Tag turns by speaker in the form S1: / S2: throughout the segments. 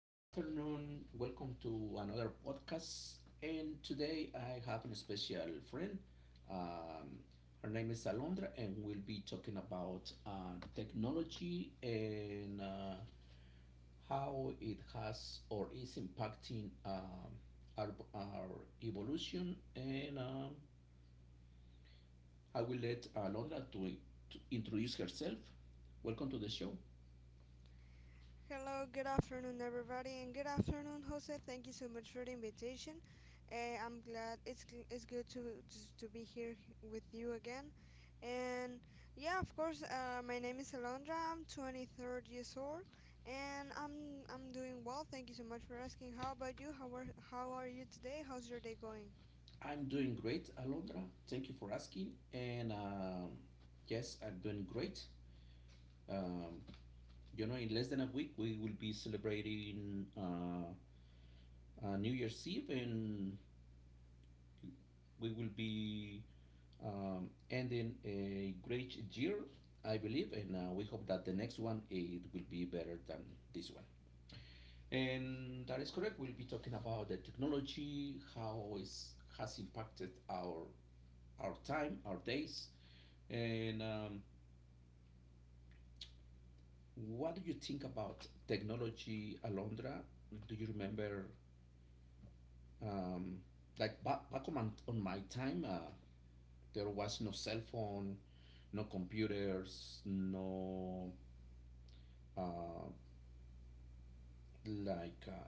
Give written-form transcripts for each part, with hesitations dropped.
S1: good afternoon. Welcome to another podcast. And today I have a special friend. Um, Her name is Alondra, and we'll be talking about technology and how it has or is impacting our evolution. And I will let Alondra to introduce herself. Welcome to the show.
S2: Hello, good afternoon, everybody, and good afternoon, Jose. Thank you so much for the invitation. I'm glad it's good to to be here with you again. And yeah, of course, my name is Alondra. I'm 23 years old, and I'm doing well. Thank you so much for asking. How about you? How are you today? How's your day going?
S1: I'm doing great, Alondra. Thank you for asking. And yes, I'm doing great. Um, in less than a week, we will be celebrating New Year's Eve, and we will be ending a great year, I believe. And we hope that the next one it will be better than this one. And that is correct. We'll be talking about the technology, how it has impacted our time, our days. And what do you think about technology, Alondra? Do you remember, um, like on my time, there was no cell phone, no computers, no, uh, like uh,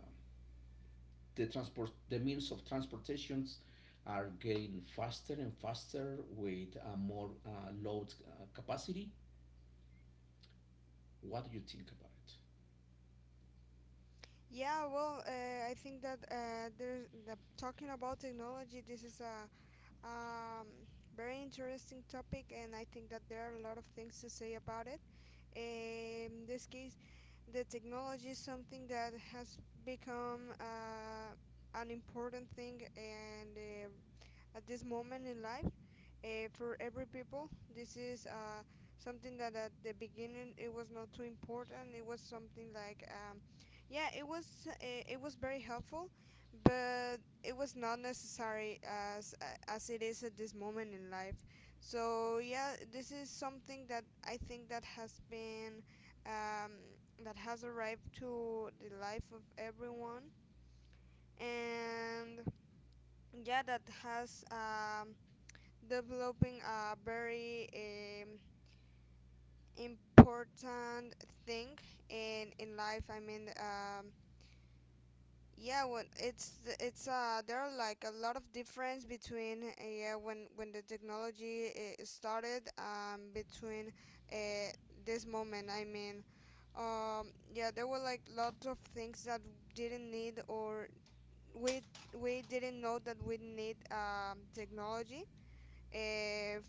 S1: the transport, the means of transportations are getting faster and faster with more load capacity. What do you think about it?
S2: Yeah, well, I think that talking about technology. This is a Um, very interesting topic, and I think that there are a lot of things to say about it. In this case, the technology is something that has become an important thing and at this moment in life, for every people. This is something that at the beginning it was not too important. It was something like, yeah, it was very helpful, but it was not necessary as it is at this moment in life. So yeah, this is something that I think that has been um, that has arrived to the life of everyone, and yeah that has developing a very important thing in life. I mean, yeah, when it's there are like a lot of difference between yeah when the technology started between uh, this moment. I mean, um yeah, there were like lots of things that didn't need or we we didn't know that we need technology, uh, f-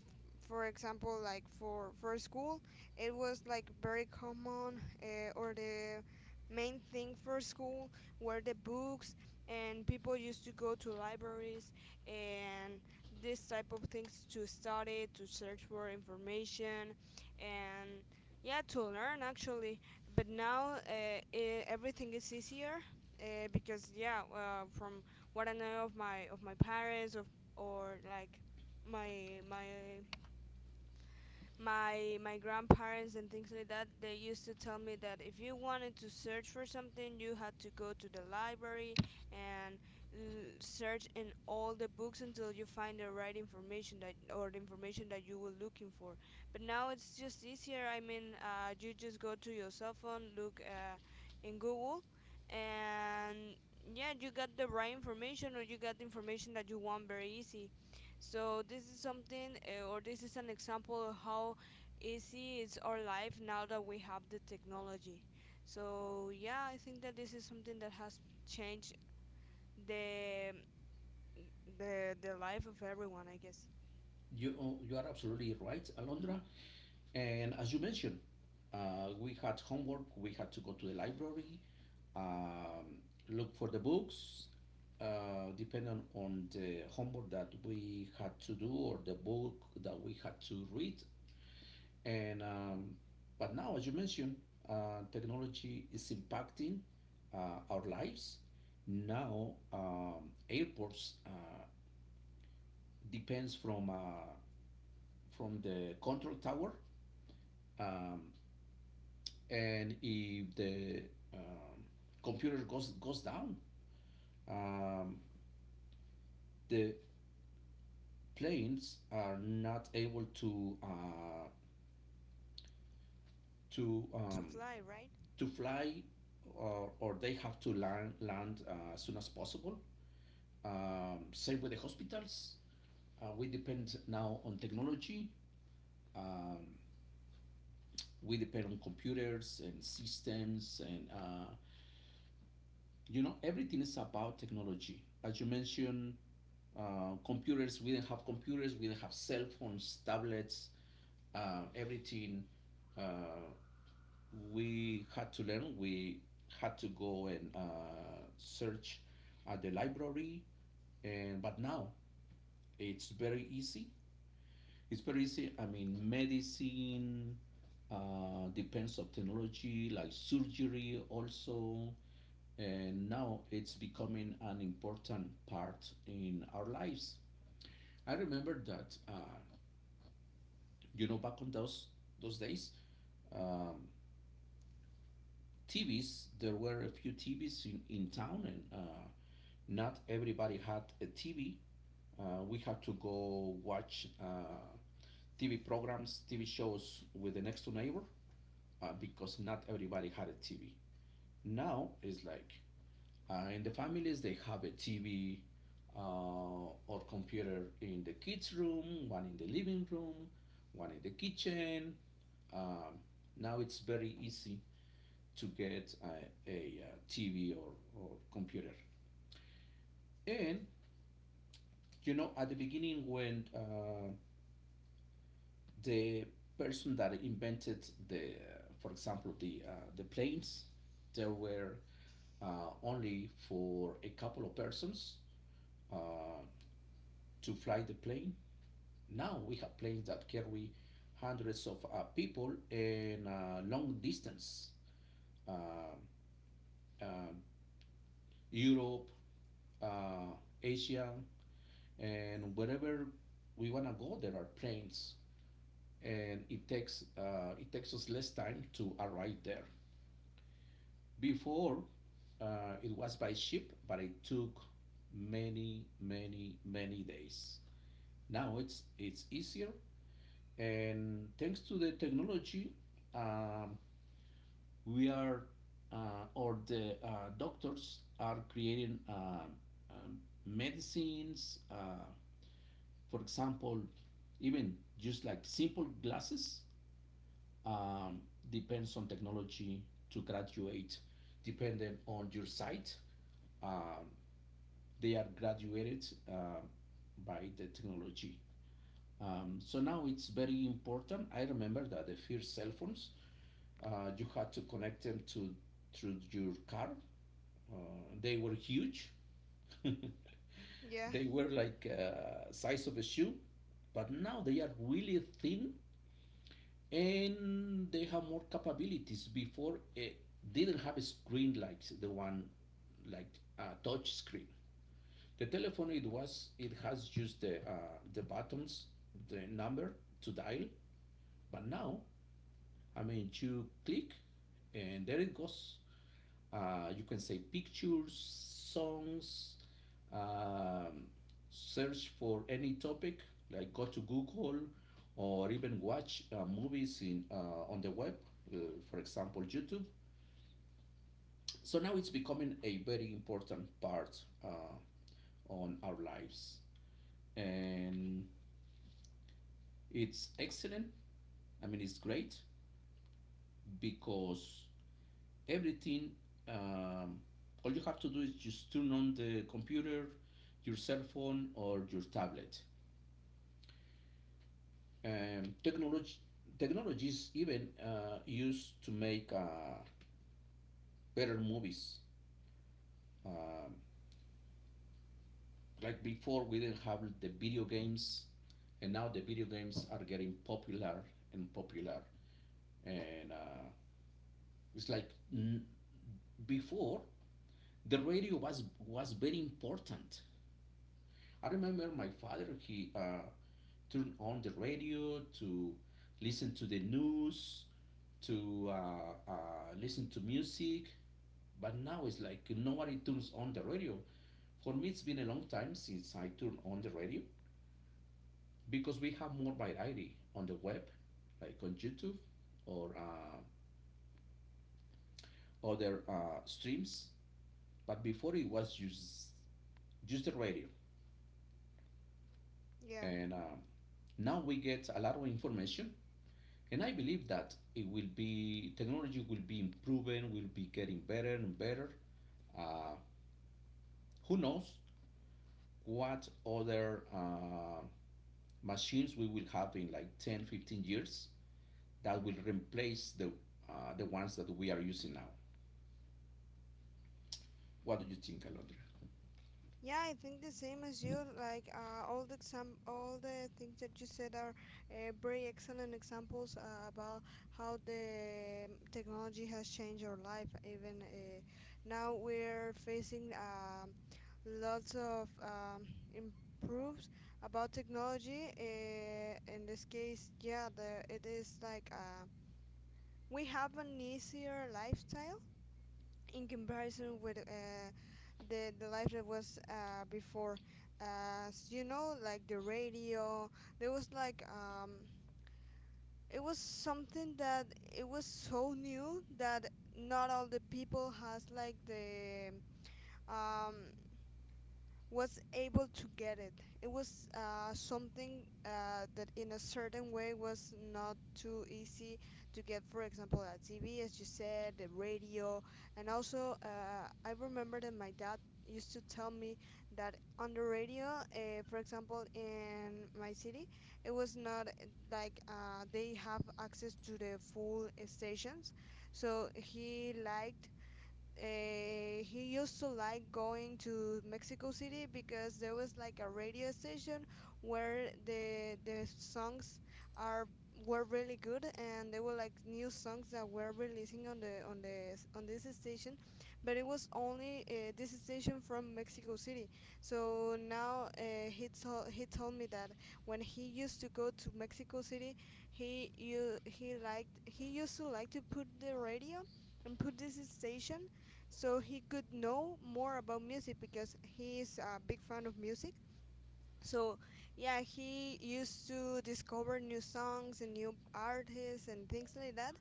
S2: for example like for school it was like very common, or the main thing for school were the books, and people used to go to libraries and this type of things to study, to search for information, and yeah to learn actually. But now everything is easier, because yeah, from what I know of my parents of, or like my my my grandparents and things like that, they used to tell me that if you wanted to search for something, you had to go to the library and l- search in all the books until you find the right information that, or the information that you were looking for. But now it's just easier. I mean, you just go to your cell phone, look in Google, and yeah, you got the right information, or you got the information that you want very easy. So this is something, or this is an example of how easy is our life now that we have the technology. So yeah, I think that this is something that has changed the the life of everyone, I guess.
S1: You are absolutely right, Alondra. And as you mentioned, we had homework, we had to go to the library, um, look for the books, depending on the homework that we had to do or the book that we had to read. And but now, as you mentioned, technology is impacting our lives. Now, airports depends from the control tower, um, and if the um, computer goes down, um, the planes are not able to
S2: To
S1: um,
S2: fly, right?
S1: to fly, or they have to land as soon as possible. Same with the hospitals. We depend now on technology. Um, we depend on computers and systems, and you know, everything is about technology. As you mentioned, computers, we didn't have computers, we didn't have cell phones, tablets, everything. uh, we had to learn, we had to go and search at the library. And but now it's very easy, it's very easy. I mean, medicine depends of technology, like surgery also. And now it's becoming an important part in our lives. I remember that, you know, back on those days, um, TVs, there were a few TVs in town, and not everybody had a TV. We had to go watch TV programs, TV shows with the next door neighbor because not everybody had a TV. Now it's like in the families they have a TV or computer in the kids' room, one in the living room, one in the kitchen. Um, Now it's very easy to get a TV or computer. And you know, at the beginning, when the person that invented for example, the planes, there were only for a couple of persons uh, to fly the plane. Now we have planes that carry hundreds of people in long distance, uh, uh, Europe, uh, Asia, and wherever we wanna go, there are planes, and it takes us less time to arrive there. Before, it was by ship, but it took many, many, many days. Now it's easier, and thanks to the technology, um, we are or the doctors are creating um, medicines. For example, even just like simple glasses um, depends on technology to graduate, depending on your site. Um, they are graduated by the technology. So now it's very important. I remember that the first cell phones, you had to connect them to through your car. Uh, they were huge.
S2: Yeah,
S1: They were like size of a shoe, but now they are really thin and they have more capabilities. Before it didn't have a screen like the one like a touch screen. The telephone, it has just the buttons, the number to dial, but now, I mean, you click, and there it goes. You can say pictures, songs, um, search for any topic like go to Google, or even watch movies in on the web, uh, for example YouTube. So now it's becoming a very important part on our lives. And it's excellent. I mean, it's great because everything, um, all you have to do is just turn on the computer, your cell phone, or your tablet. Um, technology, Technologies even used to make better movies. Um like before, we didn't have the video games, and now the video games are getting popular and popular. And it's like before, the radio was very important. I remember my father, he turned on the radio to listen to the news, to listen to music. But now it's like nobody turns on the radio. For me, it's been a long time since I turned on the radio, because we have more variety on the web, like on YouTube, or other streams. But before it was just the radio.
S2: yeah.
S1: And now we get a lot of information, and I believe that it will be technology will be improving, will be getting better and better. uh, who knows what other machines we will have in like 10, 15 years that will replace the ones that we are using now. What do you think, Alondra?
S2: Yeah, I think the same as you. Like all the all the things that you said are very excellent examples about how the technology has changed our life. Even now, we're facing lots of improves about technology. In this case, yeah, it is like we have an easier lifestyle in comparison with the life that was before. You know, like the radio, there was like it was something that it was so new that not all the people has like the um, was able to get it. It was something that, in a certain way, was not too easy to get, for example, a TV, as you said, the radio, and also I remember that my dad used to tell me that on the radio, for example, in my city, it was not like they have access to the full stations, so he liked he used to like going to Mexico City because there was like a radio station where the songs are were really good, and there were like new songs that were releasing on the on the on this station, but it was only this station from Mexico City. So now he told me that when he used to go to Mexico City, he used to like to put the radio and put this station, so he could know more about music because he is a big fan of music. So yeah, he used to discover new songs and new artists and things like that,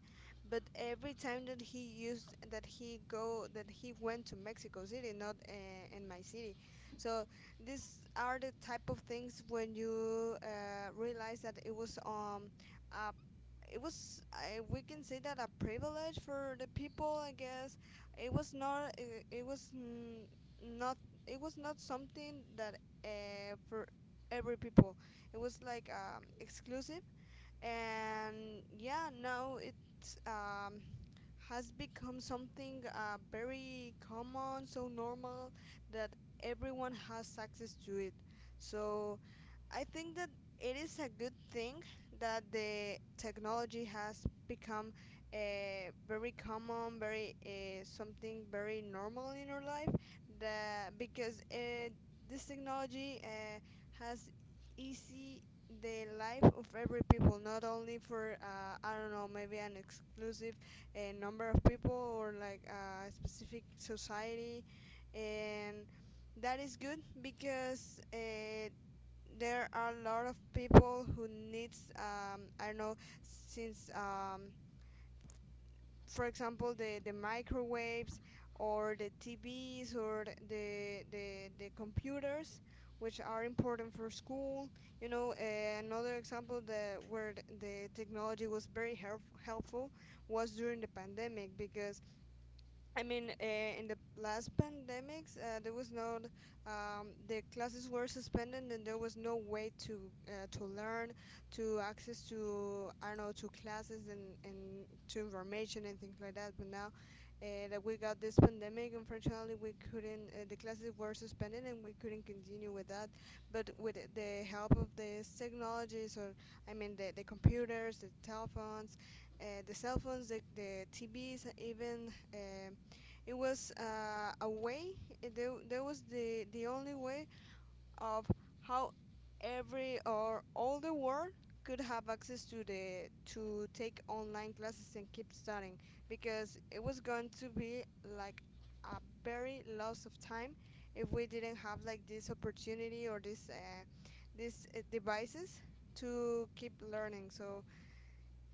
S2: but every time that he went to Mexico City, not in my city. So these are the type of things when you realize that it was a it was, I, we can say that a privilege for the people, I guess. it was not it, it was n- not it was not something that for every people. It was like exclusive. And yeah, now it um, has become something very common, so normal that everyone has access to it. So I think that it is a good thing that the technology has become very common, very something very normal in our life. That because this technology has easy the life of every people, not only for I don't know, maybe an exclusive number of people, or like a specific society. And that is good because there are a lot of people who needs I don't know, since for example the microwaves or the TVs or the computers, which are important for school. You know, another example that where the technology was very helpful was during the pandemic. Because I mean, in the last pandemics, there was not the classes were suspended, and there was no way to learn, to access to, I don't know, to classes and to information and things like that. But now that we got this pandemic, unfortunately, we couldn't. The classes were suspended, and we couldn't continue with that. But with the help of these technologies, or I mean, the computers, the telephones, the cell phones, the TVs, even. It was a way. There was the only way of how every or all the world could have access to the to take online classes and keep studying. Because it was going to be like a very loss of time if we didn't have like this opportunity, or this this devices to keep learning. So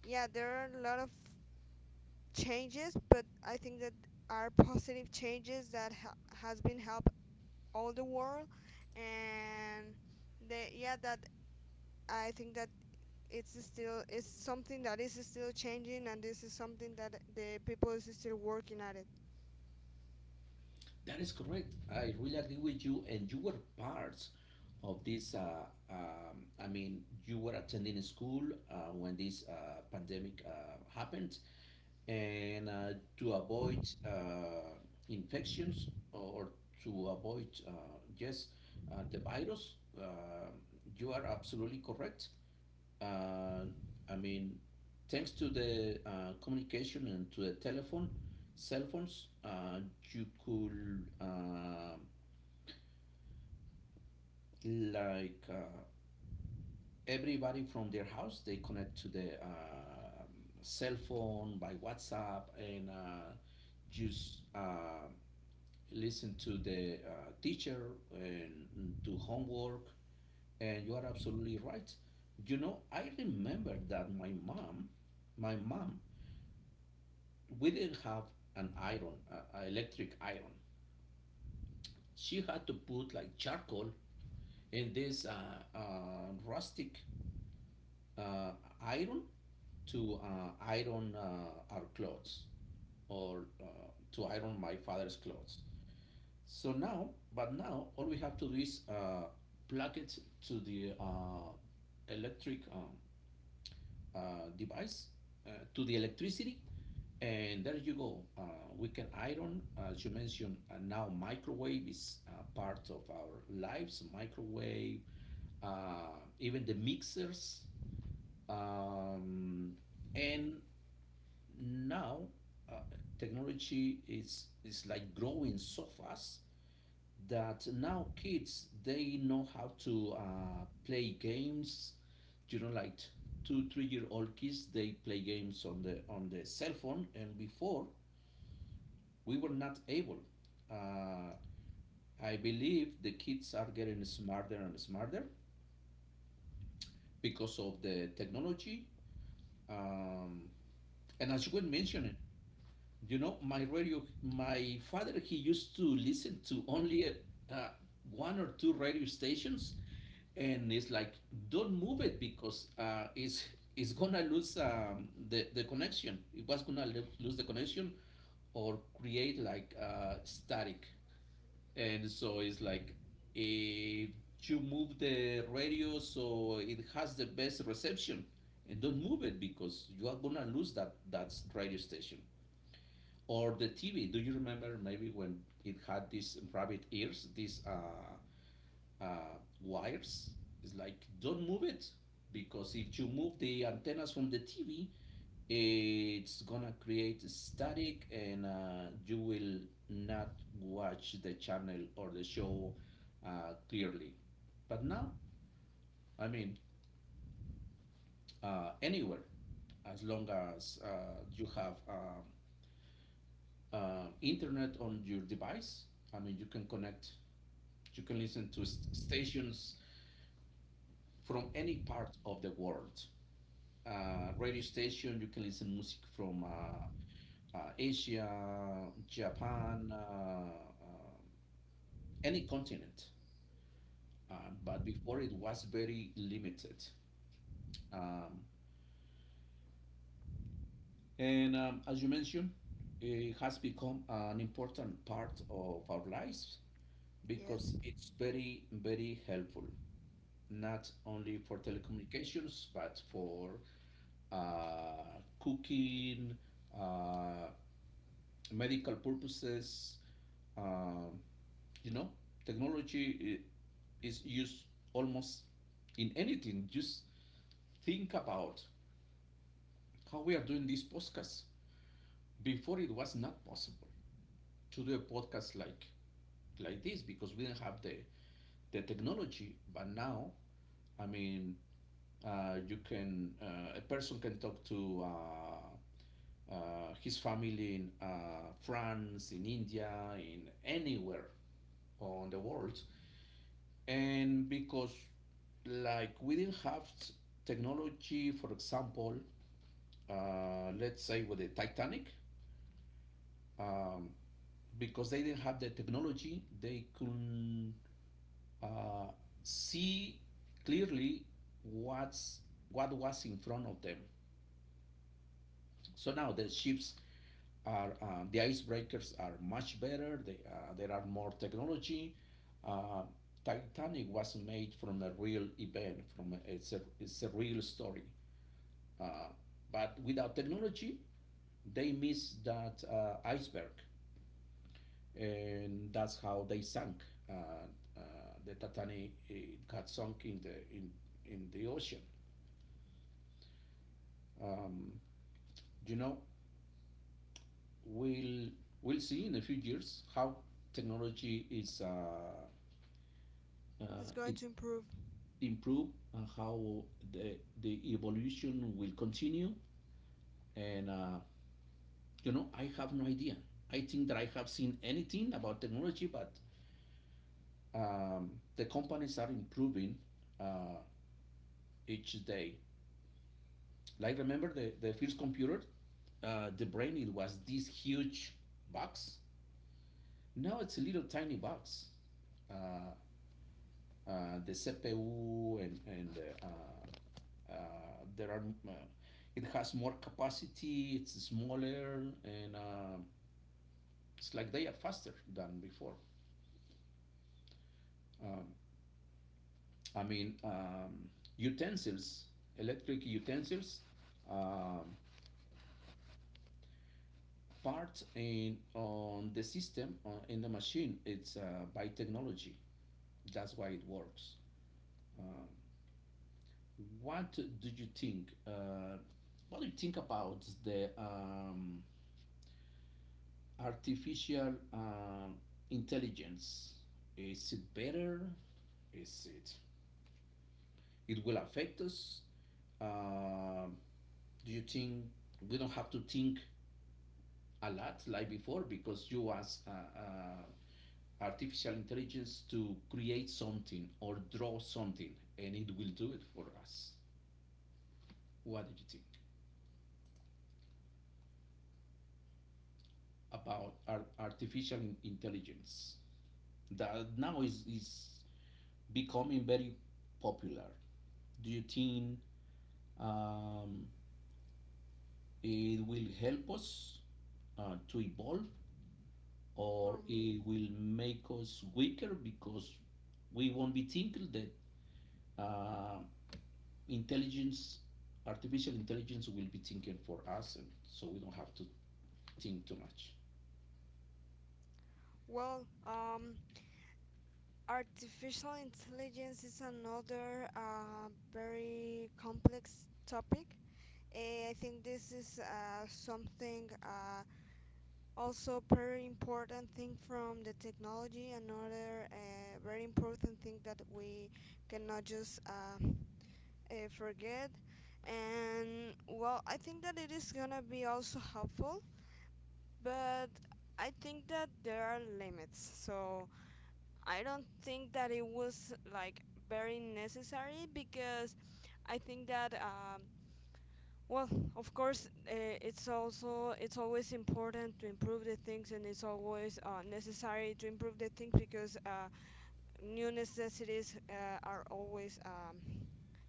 S2: yeah, there are a lot of changes, but I think that are positive changes that has been help all the world. And they, yeah that I think that it's still, it's something that is still changing, and this is something that the people is still working at it.
S1: That is correct. I really agree with you, and you were part of this. I mean, you were attending a school when this pandemic happened, and to avoid uh, infections, or to avoid just the virus. You are absolutely correct. Uh, I mean, thanks to the communication and to the telephone, cell phones, you could like uh, everybody from their house, they connect to the cell phone by WhatsApp and just listen to the teacher and do homework. And you are absolutely right. You know, I remember that my mom, we didn't have an electric iron. She had to put like charcoal in this rustic uh, iron to iron our clothes, or to iron my father's clothes. But now all we have to do is plug it to the electric device to the electricity, and there you go. We can iron, as you mentioned. Now microwave is part of our lives. Microwave, even the mixers, um, and now uh, technology is like growing so fast that now kids, they know how to play games. You know, like 2, 3 year old kids, they play games on the cell phone. And before, we were not able. uh, I believe the kids are getting smarter and smarter because of the technology. um, and as you were mentioning, you know, my father, he used to listen to only uh, one or two radio stations, and it's like, don't move it because it's gonna lose the connection. It was gonna lose the connection, or create like static. And so it's like, if you move the radio so it has the best reception, and don't move it because you are gonna lose that radio station or the TV. Do you remember maybe when it had these rabbit ears, these wires? It's like, don't move it, because if you move the antennas from the TV, it's gonna create static and you will not watch the channel or the show clearly. But now, I mean, anywhere, as long as you have internet on your device, I mean, you can connect, you can listen to stations from any part of the world. Radio station, you can listen music from Asia, Japan, any continent. Uh, but before it was very limited. Um, and as you mentioned, it has become an important part of our lives because
S2: Yeah,
S1: it's very, very helpful. Not only for telecommunications, but for cooking, uh, medical purposes. Uh, you know, technology is used almost in anything. Just think about how we are doing this podcast. Before it was not possible to do a podcast like this, because we didn't have the technology. But now, I mean, you can a person can talk to his family in France, in India, in anywhere on the world. And because like we didn't have technology, for example, let's say with the Titanic. Um, because they didn't have the technology, they couldn't uh, see clearly what's what was in front of them. So now the icebreakers are much better. There are more technology. Uh, Titanic was made from a real event, from it's a real story. Uh, but without technology, they miss that iceberg, and that's how they sank. Uh, uh, the Titanic it got sunk in the ocean. Um, you know, we'll we'll see in a few years how technology is uh,
S2: it's going
S1: it's
S2: to improve.
S1: improved, and how the evolution will continue. And I have no idea. I think that I have seen anything about technology, but the companies are improving uh, each day. Like remember the first computer, the brain it was this huge box. Now it's a little tiny box. Uh, the CPU and there are it has more capacity. It's smaller, and it's like they are faster than before. Um, I mean, utensils, electric utensils. Um, Part in on the system on, in the machine it's by technology. That's why it works. what do you think uh, what do you think about the artificial intelligence? Is it better? Is it It will affect us, uh, do you think, we don't have to think a lot like before, because you ask artificial intelligence to create something or draw something, and it will do it for us. What do you think about artificial intelligence that now is becoming very popular? Do you think um, it will help us to evolve, or it
S2: um
S1: will make us weaker because we won't be thinking that uh, intelligence, artificial intelligence will be thinking for us, and so we don't have to think too much.
S2: well um artificial intelligence is another very complex topic. Eh, I think this is something also very important thing from the technology, another very important thing that we cannot just forget. And well, I think that it is gonna be also helpful, but I think that there are limits. So I don't think that it was like very necessary, because I think that well, of course, it's also, it's always important to improve the things, and it's always necessary to improve the things because new necessities are always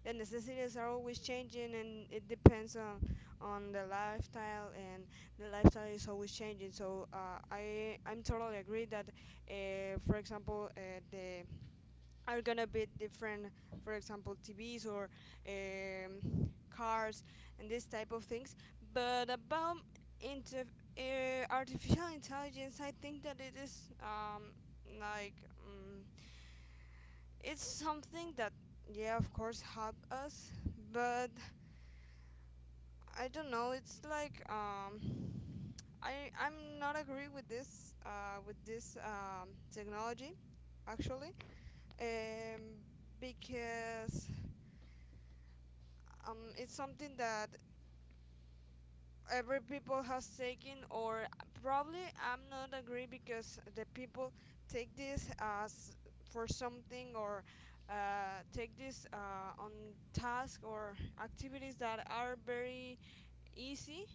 S2: the necessities are always changing, and it depends on the lifestyle, and the lifestyle is always changing. So I'm totally agree that, for example, the are gonna be different, for example TVs or cars and this type of things. But about inter- artificial intelligence, I think that it is like um, it's something that yeah, of course help us, but I don't know, it's like I'm not agree with this technology, actually. um, because it's something that every people has taken, or probably I'm not agree because the people take this as for something, or take this on task or activities that are very easy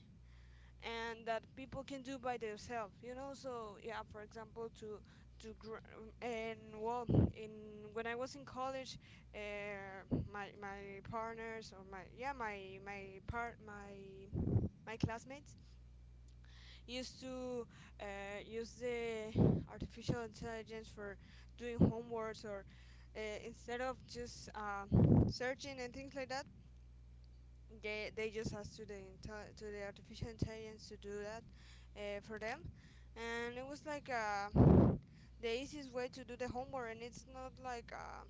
S2: and that people can do by themselves, you know. So yeah, for example to to gr- and well, in when I was in college, uh, my my partners or my yeah my part my my classmates used to use the artificial intelligence for doing homeworks, or instead of just searching and things like that, they just asked to the to the artificial intelligence to do that for them. And it was like the easiest way to do the homework, and it's not like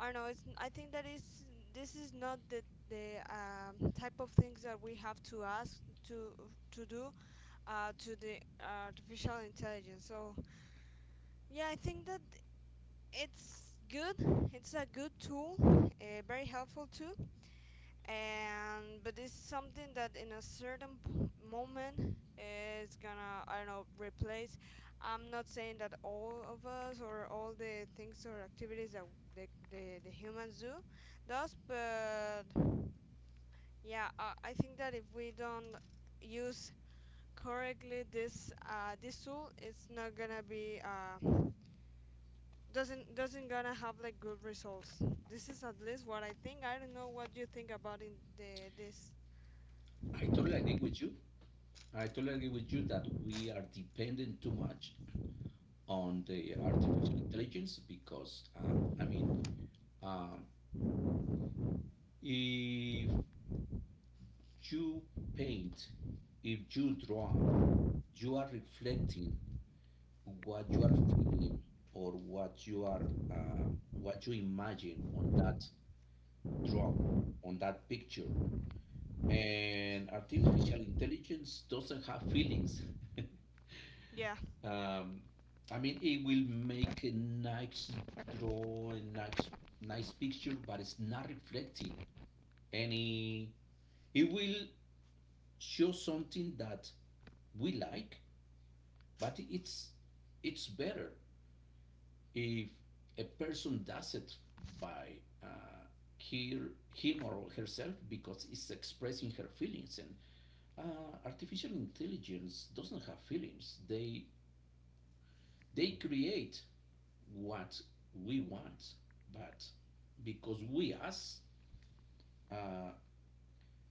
S2: I don't know. It's, I think that is, this is not the the type of things that we have to ask to to do to the artificial intelligence. So yeah, I think that it's good. It's a good tool, very helpful too and but it's something that in a certain moment is gonna, I don't know, replace. I'm not saying that all of us or all the things or activities that the humans do does, but yeah, I think that if we don't use correctly this this tool, it's not gonna be. Doesn't gonna have like good results. This is at least what I think. I don't know what you think about in the this.
S1: I totally agree with you. I totally agree with you that we are dependent too much on the artificial intelligence, because, I mean, um, if you paint, if you draw, you are reflecting what you are feeling, or what you are, what you imagine on that draw, on that picture. And artificial intelligence doesn't have feelings.
S2: Yeah.
S1: um, I mean, it will make a nice draw, a nice, nice picture, but it's not reflecting any. It will show something that we like, but it's better if a person does it by uh, her, him or herself, because it's expressing her feelings, and artificial intelligence doesn't have feelings. They create what we want, but because we ask uh,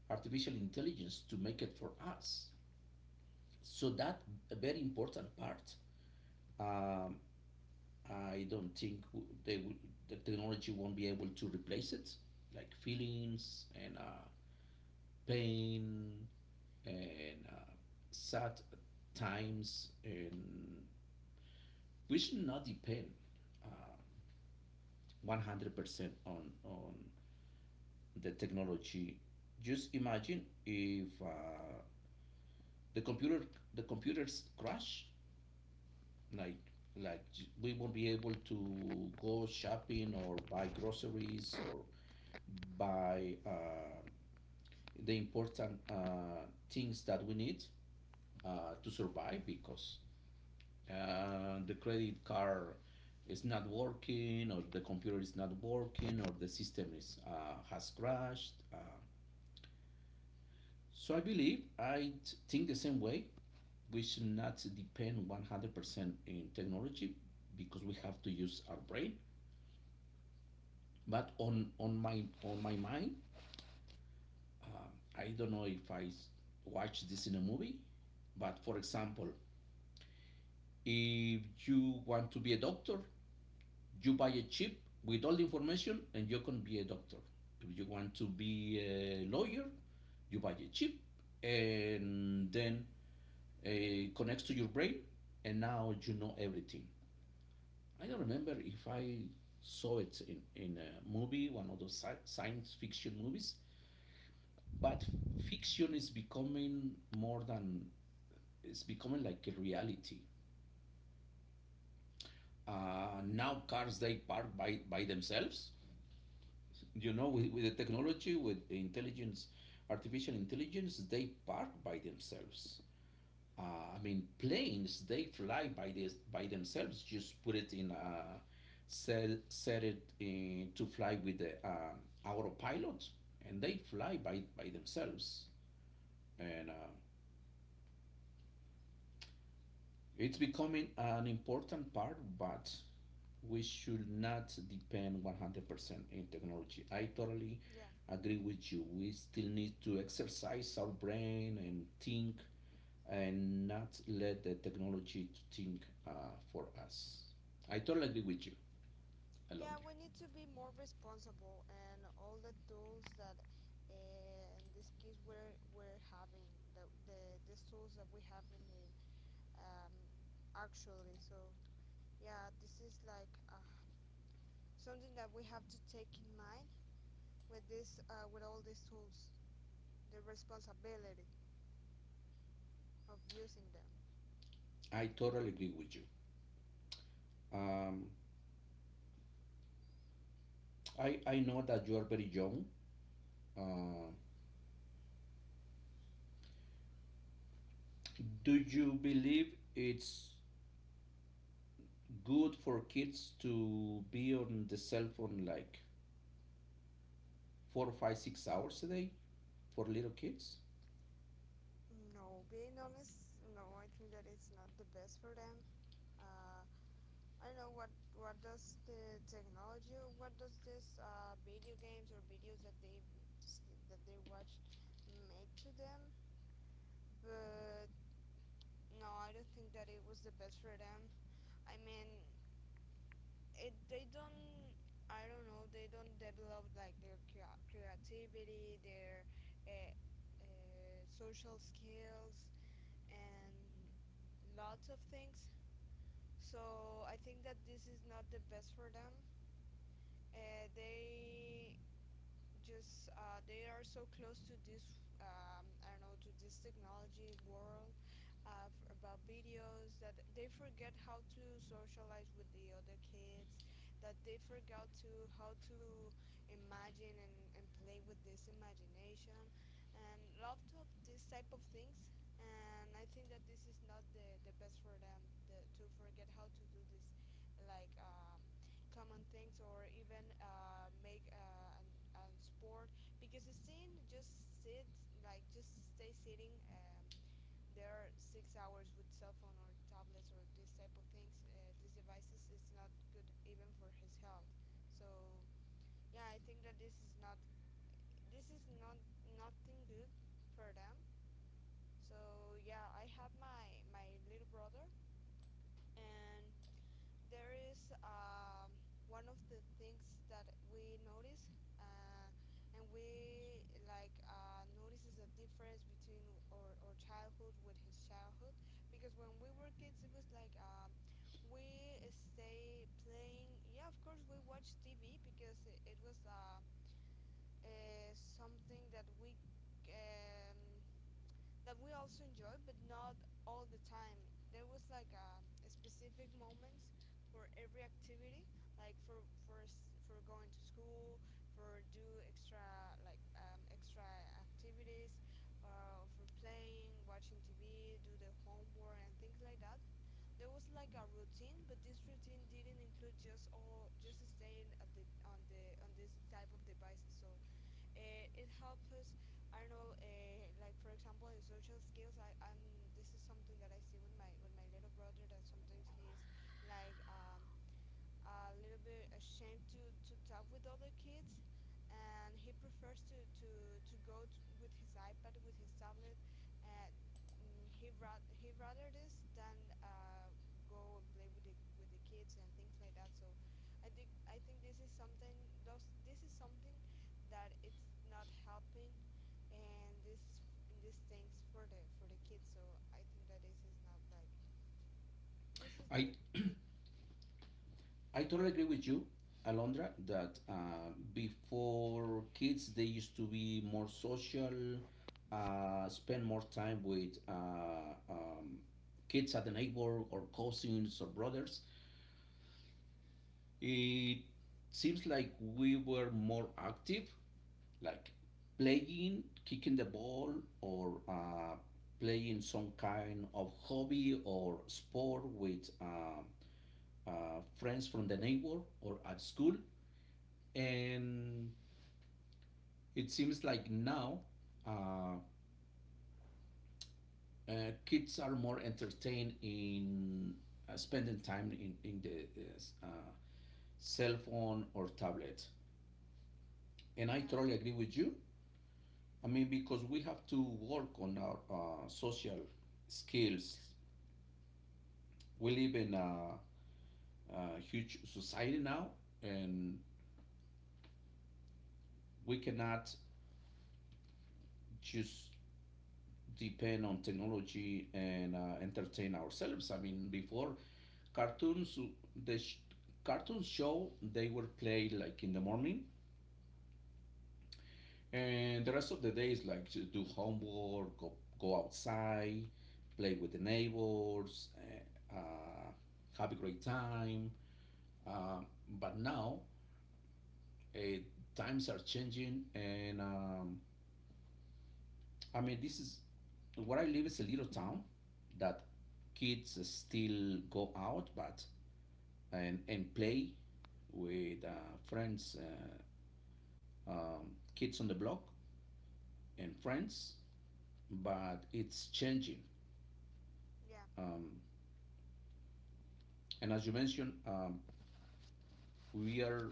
S1: artificial intelligence to make it for us, so that a very important part. Um, I don't think they will, the technology won't be able to replace it, like feelings and pain and sad times, and we should not depend uh, 100% on the technology. Just imagine if the computer the computers crash, like like we won't be able to go shopping or buy groceries, or buy the important things that we need to survive, because the credit card is not working, or the computer is not working, or the system is has crashed. So I believe, I think the same way we should not depend 100% in technology, because we have to use our brain. But on on my mind, I don't know if I watch this in a movie, but for example, if you want to be a doctor, you buy a chip with all the information and you can be a doctor. If you want to be a lawyer, you buy a chip, and then it connects to your brain, and now you know everything. I don't remember if I saw it in a movie, one of those science fiction movies, but fiction is becoming more than, it's becoming like a reality. Now cars, they park by themselves, you know, with the technology, with intelligence artificial intelligence, they park by themselves. uh, I mean planes, they fly by themselves, just put it in a set it in, to fly with the autopilot, and they fly by themselves. And it's becoming an important part, but we should not depend 100% in technology. I totally
S2: Yeah,
S1: agree with you. We still need to exercise our brain and think, and not let the technology to think for us. I totally agree with you,
S2: yeah,
S1: Alondra.
S2: we need to be more responsible, and all the tools that, in this case, we're having the these tools that we have in the um, actually. So, yeah, this is like something that we have to take in mind with this with all these tools, the responsibility of using them.
S1: I totally agree with you. Um, I know that you are very young. Uh, do you believe it's good for kids to be on the cell phone, like 4, 5, 6 hours a day, for little kids?
S2: No, being honest, no, I think that it's not the best for them. Uh, I don't know what does the technology, what does this video games or videos that they watch make to them, but no, I don't think that it was the best for them. I mean, it they don't. I don't know. They don't develop like their creativity, their uh, social skills, and lots of things. So I think that this is not the best for them. They just they are so close to this I don't know, to this technology world about videos, that they forget how to socialize with the other kids, that they forgot to how to imagine and play with this imagination and lot of this type of things. And I think that this is not the, the best for them the, to forget how to do this like common things, or even make an sport, because it's seen just sit, like just stay sitting there 6 hours with cell phone or tablets or this type of things, these devices is not good even for his health. So yeah, I think that this is not, this is not nothing good for them. So yeah, I had my little brother, and there is one of the things that we notice, uh, and we like notices a difference between our childhood with his childhood, because when we were kids it was like, we stay playing, yeah, of course we watch TV because it was something um, that we also enjoyed, but not all the time. There was like a specific moments for every activity, like for going to school, for do extra like extra activities, for playing, watching TV, do the homework and things like that. There was like a routine, but this routine didn't include just all just staying at the on this type of devices. So it helps us, I don't know, like for example in social skills. I, I'm this is something that I see with my little brother, that sometimes he's like a little bit ashamed to talk with other kids, and he prefers to with his iPad, with his tablet, and mm, he rather this than go and play with the kids and things like that. So I think this is something, those, this is something that it's not helping, and this and these things for the kids. So I think that this is not like, this is not
S1: I
S2: good.
S1: I totally agree with you, Alondra, that before kids they used to be more social, spend more time with kids at the neighbor, or cousins, or brothers. It seems like we were more active, like playing, kicking the ball, or playing some kind of hobby or sport with friends from the neighbor or at school. And it seems like now uh, kids are more entertained in spending time in the uh, cell phone or tablet. And I
S2: Yeah,
S1: totally agree with you. I mean, because we have to work on our social skills. We live in a huge society now, and we cannot just depend on technology and entertain ourselves. I mean, before cartoons, the sh- cartoons show they were played like in the morning. And the rest of the day is like to do homework, go outside, play with the neighbors, have a great time. But now uh, times are changing, and I mean, this is where I live is a little town that kids still go out, but and play with friends, kids on the block, and friends. But it's changing.
S2: yeah.
S1: Um, And as you mentioned, we are,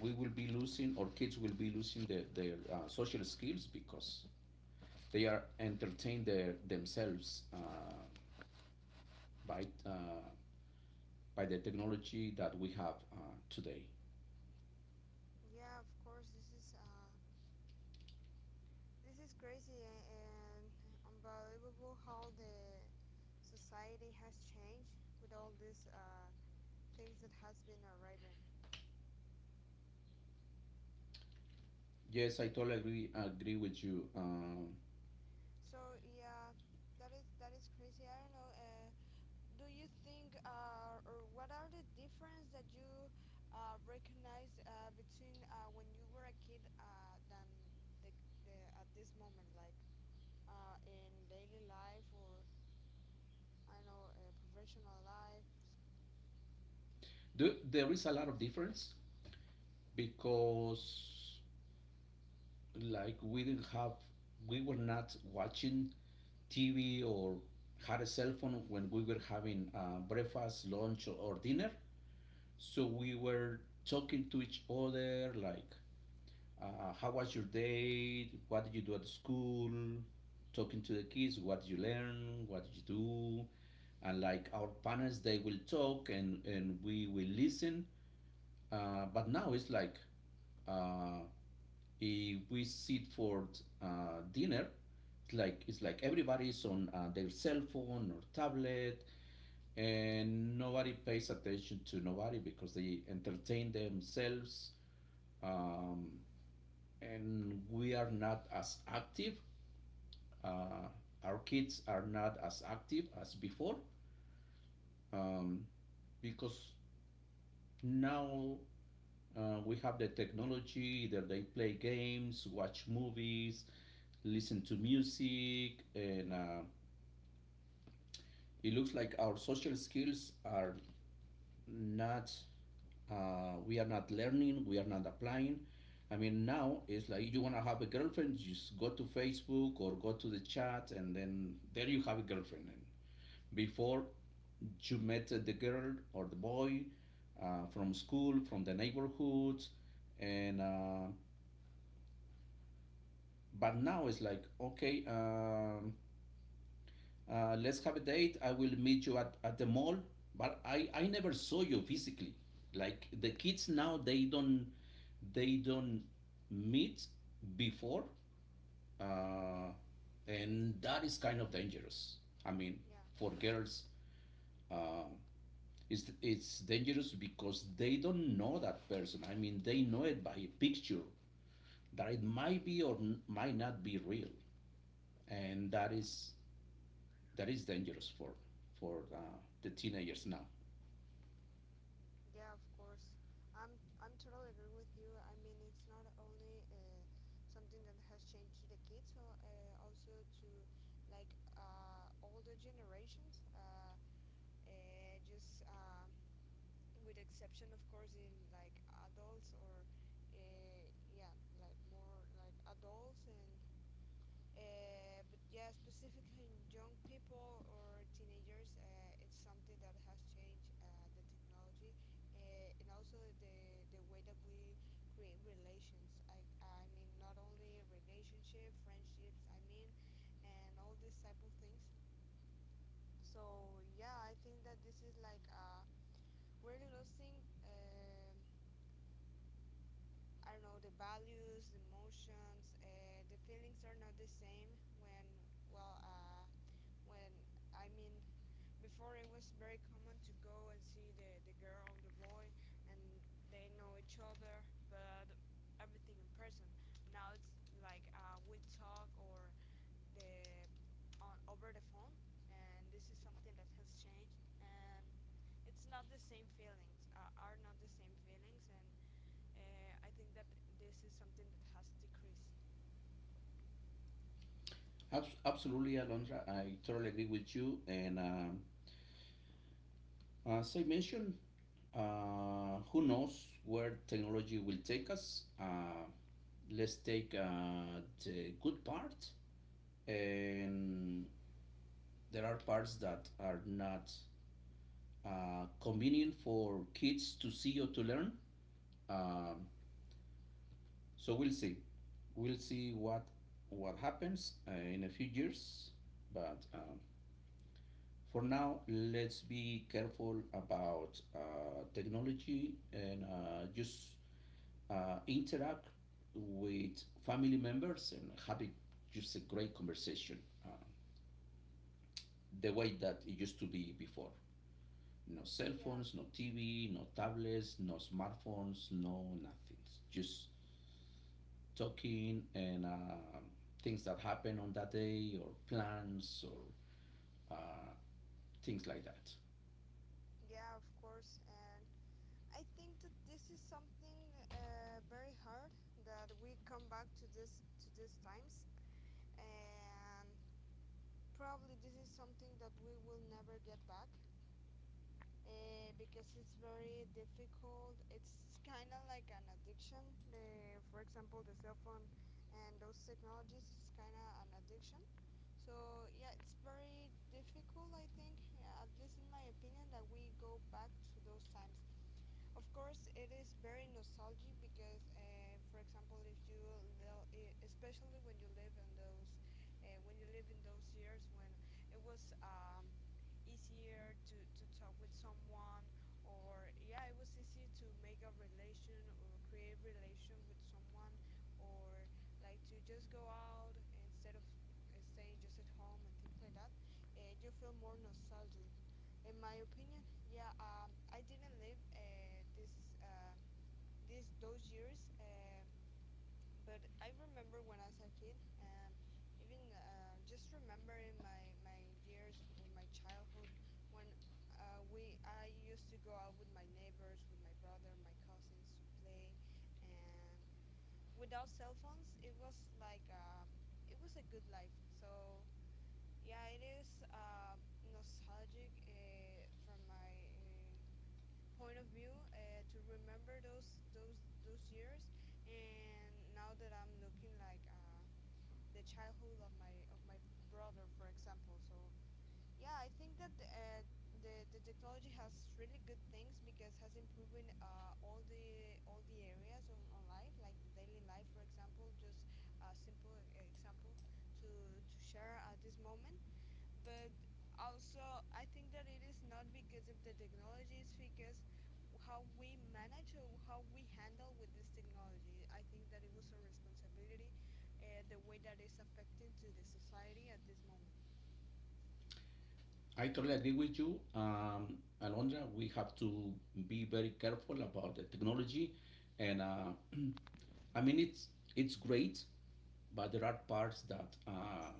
S1: we will be losing, or kids will be losing their, social skills, because they are entertained their, themselves by, uh, by the technology that we have today.
S2: Yeah, of course. This is crazy and unbelievable how the society has changed with all these things that has been arriving.
S1: Yes, I totally agree with you.
S2: So yeah, that is, that is crazy. I don't know. Do you think or what are the difference that you recognize between when you were a kid than the, the at this moment, like in daily life, or I don't know, professional life?
S1: There is a lot of difference because like we didn't have we were not watching TV, or had a cell phone when we were having breakfast, lunch, or dinner. So we were talking to each other, like, how was your day? What did you do at school? Talking to the kids, what did you learn? What did you do? And like our parents, they will talk, and we will listen. But now it's like, uh, if we sit for dinner, it's like everybody's on their cell phone or tablet, and nobody pays attention to nobody because they entertain themselves, um, and we are not as active. Uh, our kids are not as active as before, um, because now we have the technology that they play games, watch movies, listen to music, and it looks like our social skills are not, we are not learning, we are not applying. I mean, now it's like you want to have a girlfriend, just go to Facebook or go to the chat, and then there you have a girlfriend. And before, you met the girl or the boy from school, from the neighborhood, and But now it's like, okay, let's have a date. I will meet you at the mall. But I never saw you physically. Like the kids now, they don't meet before, uh, and that is kind of dangerous. I mean,
S2: Yeah,
S1: for girls, uh, it's dangerous because they don't know that person. I mean, they know it by a picture that it might be or might not be real, and that is dangerous for the teenagers now.
S2: yeah, of course. I'm totally agree with you. I mean, it's not only something that has changed to the kids, so also to like older generations. Just with exception, of course, in like adults or uh, yeah, like more like adults, and but yeah, specifically in young people or teenagers, it's something that has changed the technology, and also the way that we create relations. I mean, not only relationship, friendships. I mean, and all these type of things. So yeah, I think that this is like we're losing. I don't know, the values, the emotions, the feelings are not the same when well. When, I mean, before it was very common to go and see the girl, the boy, and they know each other, but everything in person. Now it's like we talk or the on over the phone, and this is something that has changed, and it's not the same feelings. Are not the same feelings, and I think that this is something that has decreased.
S1: Absolutely, Alondra, I totally agree with you. And as I mentioned, who knows where technology will take us? Let's take the good part, and there are parts that are not convenient for kids to see or to learn. Um, So we'll see. We'll see what happens in a few years. But for now, let's be careful about technology, and just interact with family members, and having just a great conversation, uh, the way that it used to be before. No cell
S2: Yeah,
S1: phones, no TV, no tablets, no smartphones, no nothing. Just talking and things that happen on that day, or plans, or uh, things like that.
S2: yeah, of course. And I think that this is something very hard that we come back to this, to these times, and probably this is something that we will never get back, because it's very difficult. It's kind of like an addiction, for example the cell phone and those technologies, is kind of an addiction. So yeah, it's very difficult, I think, at least in my opinion, that we go back to those times. Of course, it is very nostalgic because, for example, if you know, especially when you live in those, when you live in those years when it was easier to talk with someone, or yeah, it was easy to make a relation or create relation with someone, or like to just go out instead of staying just at home and things like that. You feel more nostalgic, in my opinion. Yeah, I didn't live this um, this those years, but I remember when I was a kid, and even just remembering my years or my childhood when, we I used to go out with my neighbors, with my brother, my cousins to play, and without cell phones, it was like it was a good life. So yeah, it is nostalgic, from my. Point of view, to remember those years, and now that I'm looking like the childhood of my brother, for example. So yeah, I think that the technology has really good things, because has improved in, all the areas on life, like the daily life for example, just a simple example to to share at this moment. But also, I think that it is not because of the technology, it's because how we manage or how we handle with this technology. I think that it was a responsibility, the way that is affecting to the society at this moment.
S1: I totally agree with you, Alondra. We have to be very careful about the technology, and I mean, it's great, but there are parts that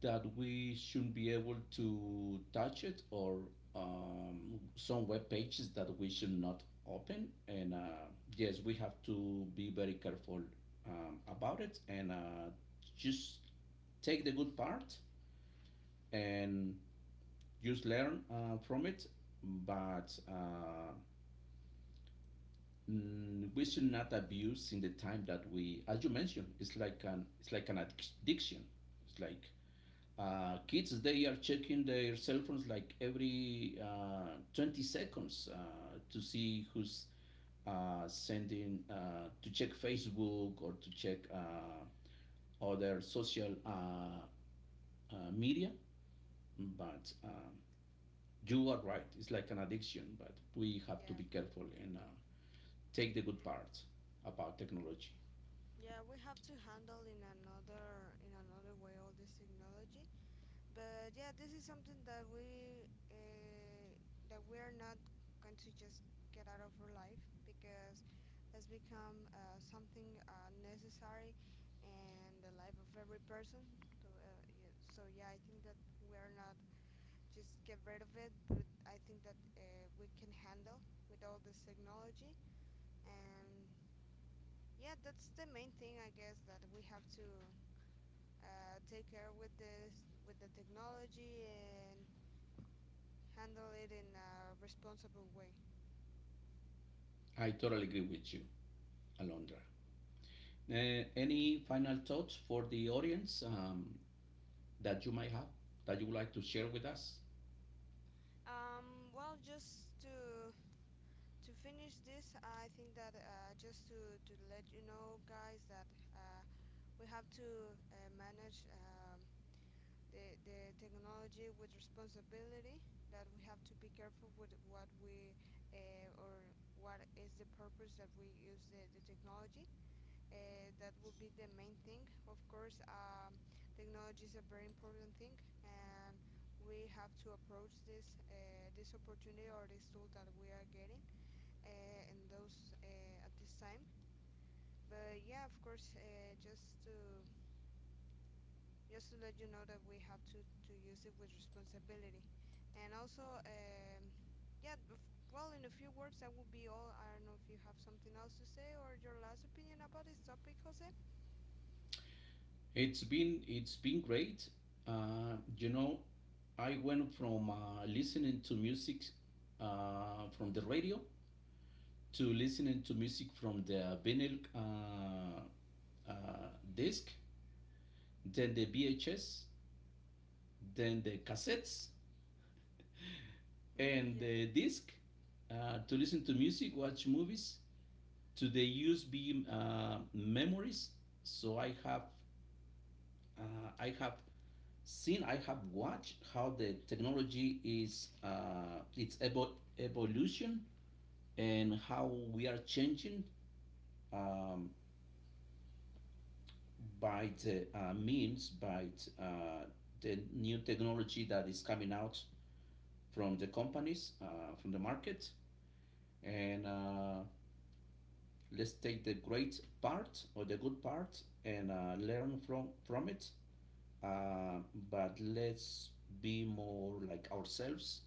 S1: that we shouldn't be able to touch it, or some web pages that we should not open. And yes, we have to be very careful about it, and just take the good part, and just learn from it. But we should not abuse in the time that we, as you mentioned, it's like an addiction. It's like kids they are checking their cell phones like every 20 seconds to see who's sending to check Facebook, or to check other social media. But you are right; it's like an addiction. But we have
S2: Yeah.
S1: to be careful and. Take the good parts about technology.
S2: Yeah, we have to handle in another, in another way all this technology. But yeah, this is something that we that we're not going to just get out of our life, because has become something necessary in the life of every person. So, yeah, so yeah, I think that we're not just get rid of it, but I think that we can handle with all this technology, and yeah, that's the main thing, I guess, that we have to take care with this, with the technology, and handle it in a responsible way.
S1: I totally agree with you, Alondra. Any final thoughts for the audience, that you might have, that you would like to share with us?
S2: Well, just to finish this, I think that just to let you know, guys, that uh, we have to manage the technology with responsibility. That we have to be careful with what we or what is the purpose that we use the technology. That would be the main thing. Of course, technology is a very important thing, and we have to approach this this opportunity or this tool that we are getting in those at this time. But yeah, of course, just to let you know that we have to use it with responsibility, and also. Yeah, of, well, in a few words, that would be all. I don't know if you have something else to say or your last opinion about this topic, Jose.
S1: It's been great. Uh, you know, I went from listening to music from the radio, to listening to music from the vinyl disc, then the VHS, then the cassettes,
S2: yeah.
S1: and the disc to listen to music, watch movies, to the USB memories. So uh, I have seen, I have watched how the technology is its evolution, and how we are changing um, by the means, by uh, the new technology that is coming out from the companies from the market and. Let's take the great part or the good part, and learn from it. Uh, but let's be more like ourselves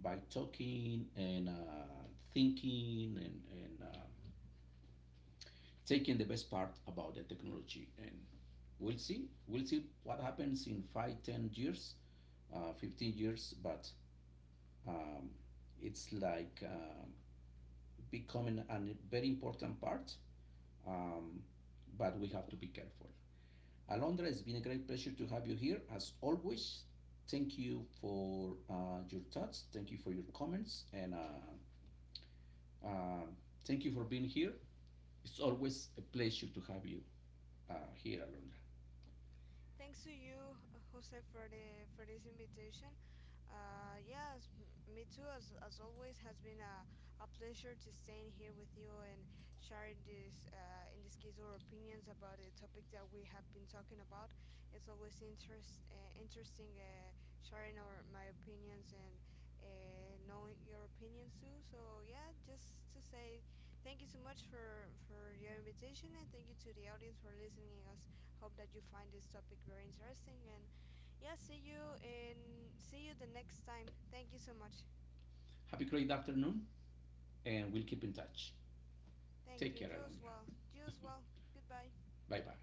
S1: by talking, and thinking, and taking the best part about the technology. And we'll see. We'll see what happens in 5, 10 years, 15 years. But um, it's like becoming a very important part. Um, but we have to be careful. Alondra, it's been a great pleasure to have you here as always. Thank you for your thoughts. Thank you for your comments. And uh, thank you for being here. It's always a pleasure to have you here, Alondra.
S2: Thanks to you, Jose, for the for this invitation. Yes, me too. As always, has been a pleasure to staying here with you and sharing this, in this case, our opinions about the topic that we have been talking about. It's always interesting, sharing our my opinions, and uh, knowing your opinions too. So yeah, just to say thank you so much for your invitation, and thank you to the audience for listening us. Hope that you find this topic very interesting. And yeah, see you the next time. Thank you so much.
S1: Have a great afternoon, and we'll keep in touch.
S2: Thank you.
S1: Take
S2: You
S1: care,
S2: as well.
S1: Alondra.
S2: You as well. Goodbye.
S1: Bye bye.